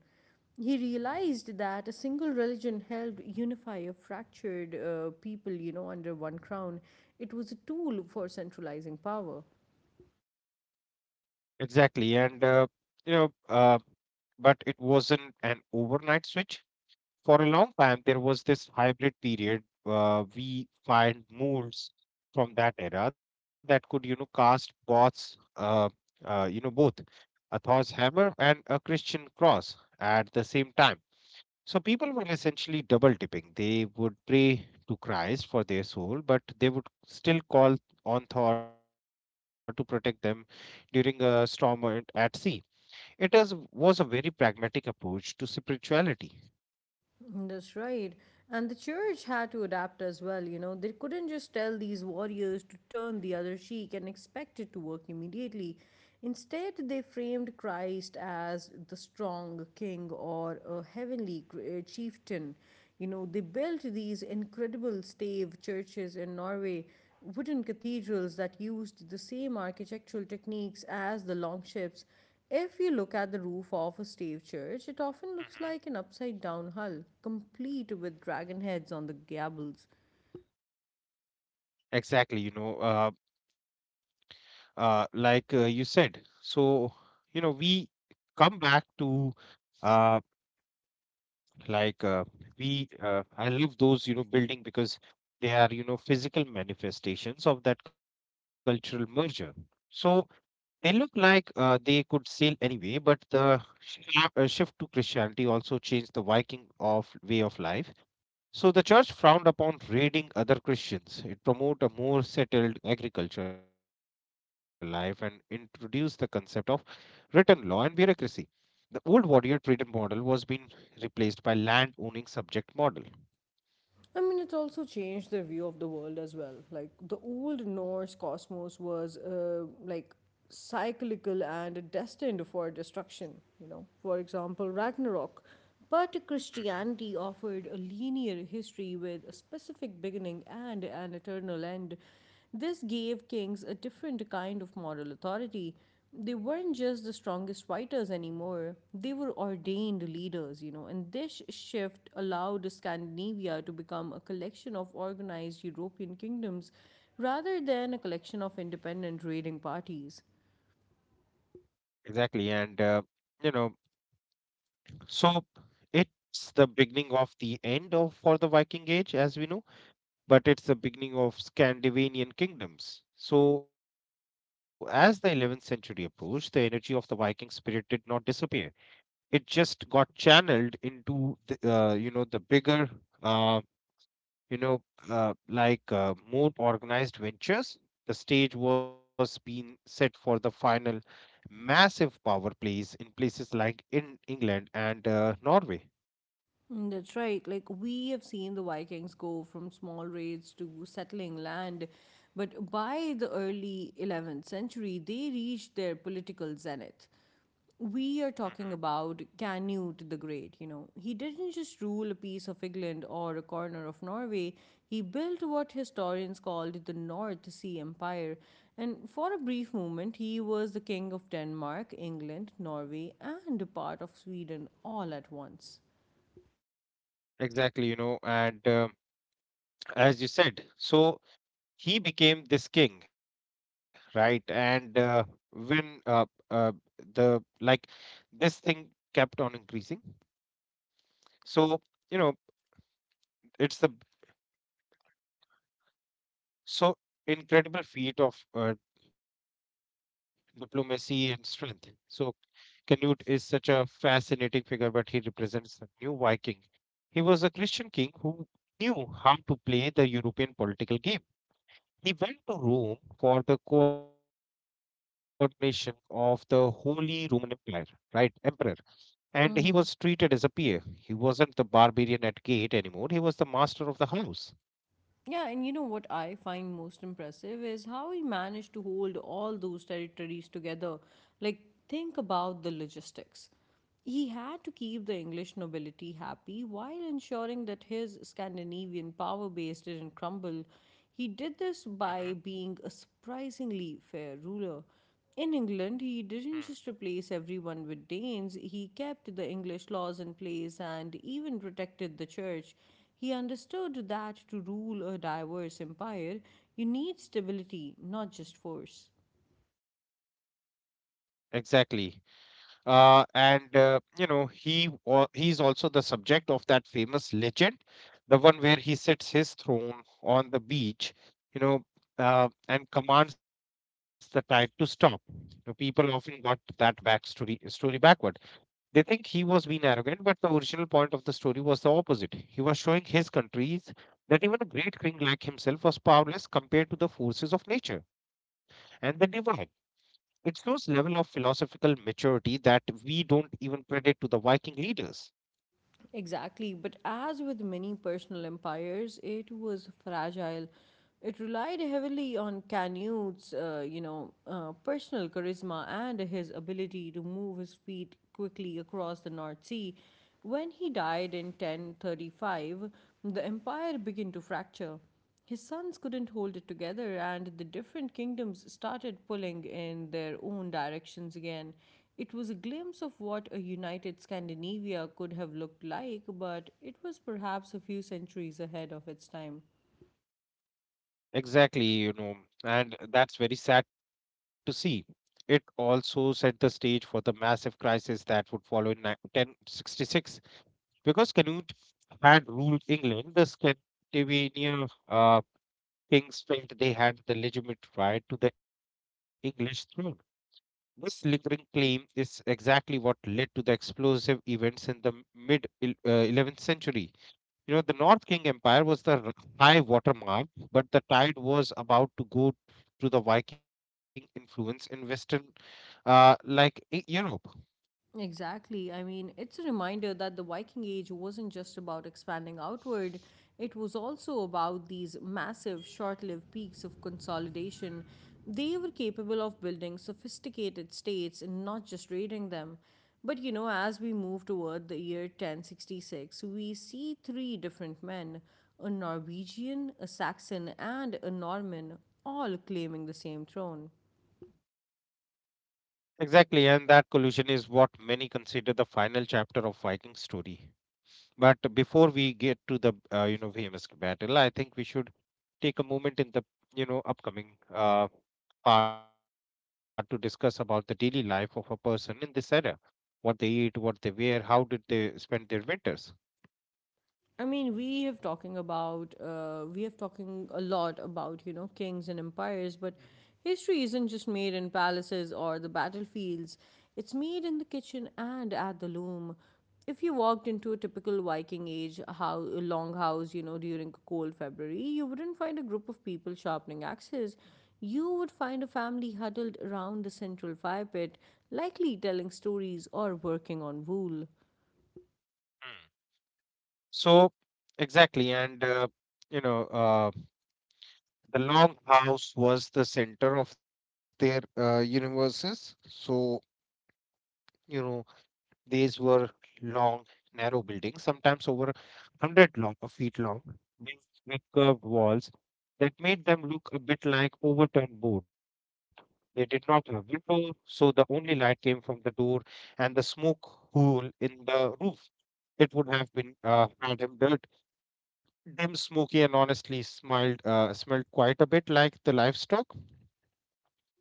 Speaker 1: He realized that a single religion helped unify a fractured people, you know, under one crown. It was a tool for centralizing power.
Speaker 2: Exactly, and you know, uh, but it wasn't an overnight switch. For a long time there was this hybrid period. We find moves from that era that could, you know, cast bots, both a Thor's hammer and a Christian cross at the same time. So people were essentially double dipping. They would pray to Christ for their soul, but they would still call on Thor to protect them during a storm at sea. It was a very pragmatic approach to spirituality.
Speaker 1: That's right. And the church had to adapt as well, you know. They couldn't just tell these warriors to turn the other cheek and expect it to work immediately. Instead, they framed Christ as the strong king or a heavenly chieftain. You know, they built these incredible stave churches in Norway wooden cathedrals that used the same architectural techniques as the longships. If you look at the roof of a stave church, it often looks like an upside down hull, complete with dragon heads on the gables.
Speaker 2: Exactly, you know, you said. So, you know, we come back to uh, like we. I love those, you know, building because they are, you know, physical manifestations of that cultural merger. So they look like, they could sail anyway, but the shift to Christianity also changed the Viking of way of life. So the church frowned upon raiding other Christians. It promoted a more settled agricultural life and introduced the concept of written law and bureaucracy. The old warrior trader model was being replaced by land owning subject model.
Speaker 1: I mean, it's also changed their view of the world as well. Like the old Norse cosmos was like cyclical and destined for destruction, you know, for example, Ragnarok. But
Speaker 2: Mhm.
Speaker 1: Christianity offered a linear history with a specific beginning and an eternal end. This gave kings a different kind of moral authority. They weren't just the strongest fighters anymore, they were ordained leaders, you know, and this shift allowed Scandinavia to become a collection of organized European kingdoms rather than a collection of independent raiding parties.
Speaker 2: Exactly, and you know, so it's the beginning of the end of for the Viking Age, as we know, but it's the beginning of Scandinavian kingdoms. So as the 11th century approached, the energy of the Viking spirit did not disappear. It just got channeled into the, the bigger, uh, you know more organized ventures. The stage was being set for the final massive power plays in places like in England and, Norway.
Speaker 1: Mm, that's right. Like we have seen the Vikings go from small raids to settling land, but by the early 11th century, they reached their political zenith. We are
Speaker 2: Mhm.
Speaker 1: talking about Canute the Great, you know. He didn't just rule a piece of England or a corner of Norway, he built what historians called the North Sea Empire. And for a brief moment, he was the king of Denmark, England, Norway, and a part of Sweden all at once.
Speaker 2: Exactly, you know, and as you said, so he became this king, right? And, when uh, the like this thing kept on increasing. So, you know, it's the, so incredible feat of, diplomacy and strength. So, Canute is such a fascinating figure, but he represents the new Viking. He was a Christian king who knew how to play the European political game. He went to Rome for the coronation of the Holy Roman Empire, right? Emperor. And he was treated as a peer. He wasn't the barbarian at gate anymore. He was the master of the house.
Speaker 1: Yeah, and you know what I find most impressive is how he managed to hold all those territories together. Like, think about the logistics. He had to keep the English nobility happy while ensuring that his Scandinavian power base didn't crumble. He did this
Speaker 2: Hmm
Speaker 1: by being a surprisingly fair ruler. In England, he didn't just replace everyone with Danes, he kept the English laws in place and even protected the church. He understood that to rule a diverse empire, you need stability, not just force.
Speaker 2: Exactly. And You know, he's also the subject of that famous legend, the one where he sits his throne on the beach, you know, and commands the tide to stop. The people often got that backstory story backward. They think he was being arrogant, but the original point of the story was the opposite. He was showing his countries that even a great king like himself was powerless compared to the forces of nature and the divine. It shows level of philosophical maturity that we don't even credit to the Viking leaders.
Speaker 1: Exactly. But as with many personal empires, it was fragile. It relied heavily on Canute's personal charisma and his ability to move his feet quickly across the North Sea. When he died in 1035, the empire began to fracture. His sons couldn't hold it together, and the different kingdoms started pulling in their own directions again. It was a glimpse of what a united Scandinavia could have looked like, but it was perhaps a few centuries ahead of its time.
Speaker 2: Exactly, you know, and that's very sad to see. It also set the stage for the massive crisis that would follow in 1066. Because Canute had ruled England, the Scandinavian kings felt they had the legitimate right to the English throne. This lingering claim is exactly what led to the explosive events in the mid, 11th century. You know, the North King Empire was the high water mark, but the tide was about to go to the Viking influence in Western, Europe.
Speaker 1: Exactly. I mean, it's a reminder that the Viking Age wasn't just about expanding outward, it was also about these massive, short lived peaks of consolidation. They were capable of building sophisticated states and not just raiding them. But you know, as we move toward the year 1066, we see three different men a Norwegian, a Saxon, and a Norman all claiming the same throne.
Speaker 2: Exactly, and that collision is what many consider the final chapter of Viking story. But before we get to the, you know, famous battle, I think we should take a moment in the, you know, upcoming part to discuss about the daily life of a person in this era. What they eat, what they wear, how did they spend their winters.
Speaker 1: I mean, we have talking a lot about you know kings and empires, but history isn't just made in palaces or the battlefields. It's made in the kitchen and at the loom. If you walked into a typical Viking age how longhouse, you know, during a cold February, you wouldn't find a group of people sharpening axes. You would find a family huddled around the central fire pit, likely telling stories or working on wool.
Speaker 2: So exactly, and you know, the long house was the center of their, universes. So, you know, these were long, narrow buildings, sometimes over hundred long feet long, built with curved walls that made them look a bit like overturned boat. They did not have window, so the only light came from the door and the smoke hole in the roof. It would have been, had him dirty, dim, smoky, and honestly smelled quite a bit like the livestock,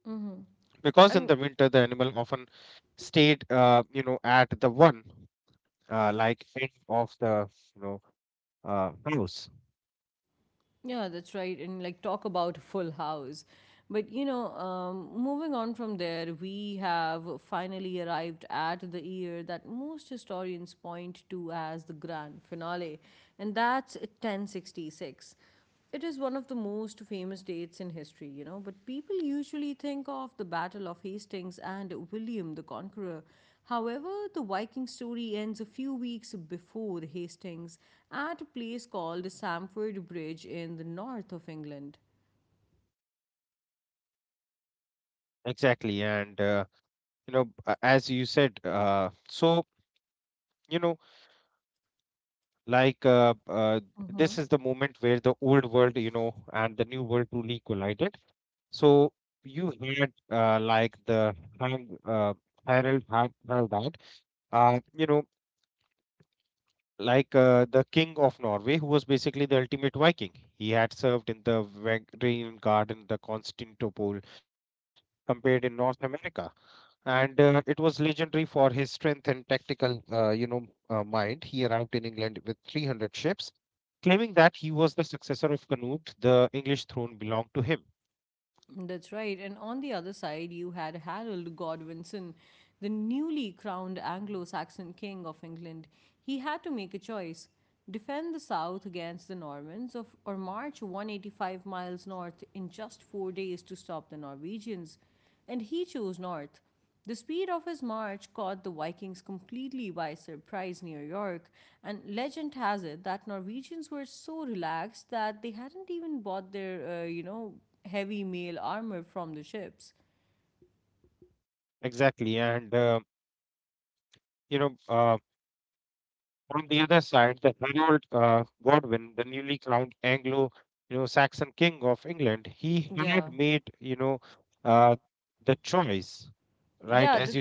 Speaker 1: Mm-hmm.
Speaker 2: because in the winter the animal often stayed, you know, at the one, like end of the, you know, house.
Speaker 1: Yeah, that's right. And like talk about Full House. But you know, moving on from there, we have finally arrived at the year that most historians point to as the grand finale, and that's 1066. It is one of the most famous dates in history, you know, but people usually think of the Battle of Hastings and William the Conqueror. However, the Viking story ends a few weeks before Hastings at a place called Samford Bridge in the north of England.
Speaker 2: Exactly, and as you said, you know, like uh, uh, this is the moment where the old world, you know, and the new world truly collided. So you had, like the hang, Harold Harold, uh, you know, the king of Norway, who was basically the ultimate Viking. He had served in the Wagnerian Guard in the Constantinople, compared in North America, and, it was legendary for his strength and tactical, you know, mind. He arrived in England with 300 ships, claiming that he was the successor of Canute. The English throne belonged to him.
Speaker 1: That's right, and on the other side, you had Harold Godwinson, the newly crowned Anglo Saxon king of England. He had to make a choice defend the south against the Normans of, or march 185 miles north in just 4 days to stop the Norwegians. And he chose north. The speed of his march caught the Vikings completely by surprise near York, and legend has it that Norwegians were so relaxed that they hadn't even bought their, heavy mail armor from the ships.
Speaker 2: Exactly, and you know, uh, on the other side, the Harold, Godwin, the newly crowned Anglo, you know, Saxon king of England, he had
Speaker 1: Yeah.
Speaker 2: made, you know, the choice, right, as you
Speaker 1: Yeah,
Speaker 2: said.
Speaker 1: the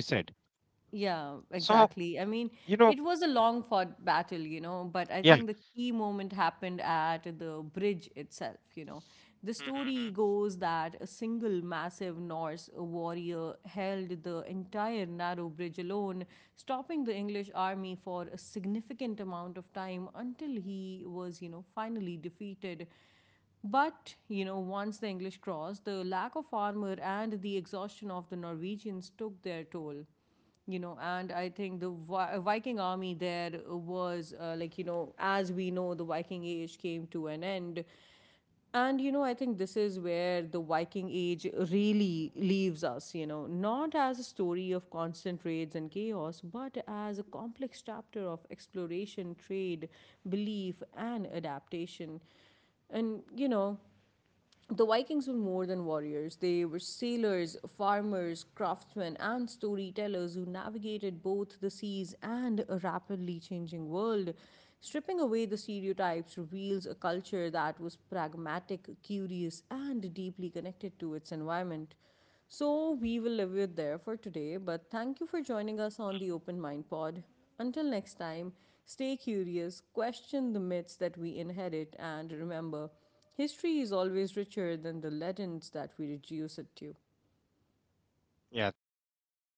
Speaker 1: Yeah,
Speaker 2: So,
Speaker 1: exactly. I mean,
Speaker 2: you know,
Speaker 1: it was a long fought battle, you know, but I
Speaker 2: yeah.
Speaker 1: think the key moment happened at the bridge itself, you know. The
Speaker 2: Mhm,
Speaker 1: story
Speaker 2: mhm.
Speaker 1: goes that a single massive Norse warrior held the entire narrow bridge alone, stopping the English army for a significant amount of time until he was, you know, finally defeated. But, you know, once the English crossed, the lack of armor and the exhaustion of the Norwegians took their toll. You know, and I think the viking army there was like you know as we know the viking age came to an end. And you know I think this is where the viking age really leaves us, you know, not as a story of constant raids and chaos but as a complex chapter of exploration, trade, belief, and adaptation. And you know the Vikings were more than warriors. They were sailors, farmers, craftsmen, and storytellers who navigated both the seas and a rapidly changing world. Stripping away the stereotypes reveals a culture that was pragmatic, curious, and deeply connected to its environment. So, we will leave it there for today, but thank you for joining us on the Open Mind Pod. Until next time, stay curious, question the myths that we inherit, and remember, history is always richer than the legends that we reduce it to.
Speaker 2: Yeah, thank you.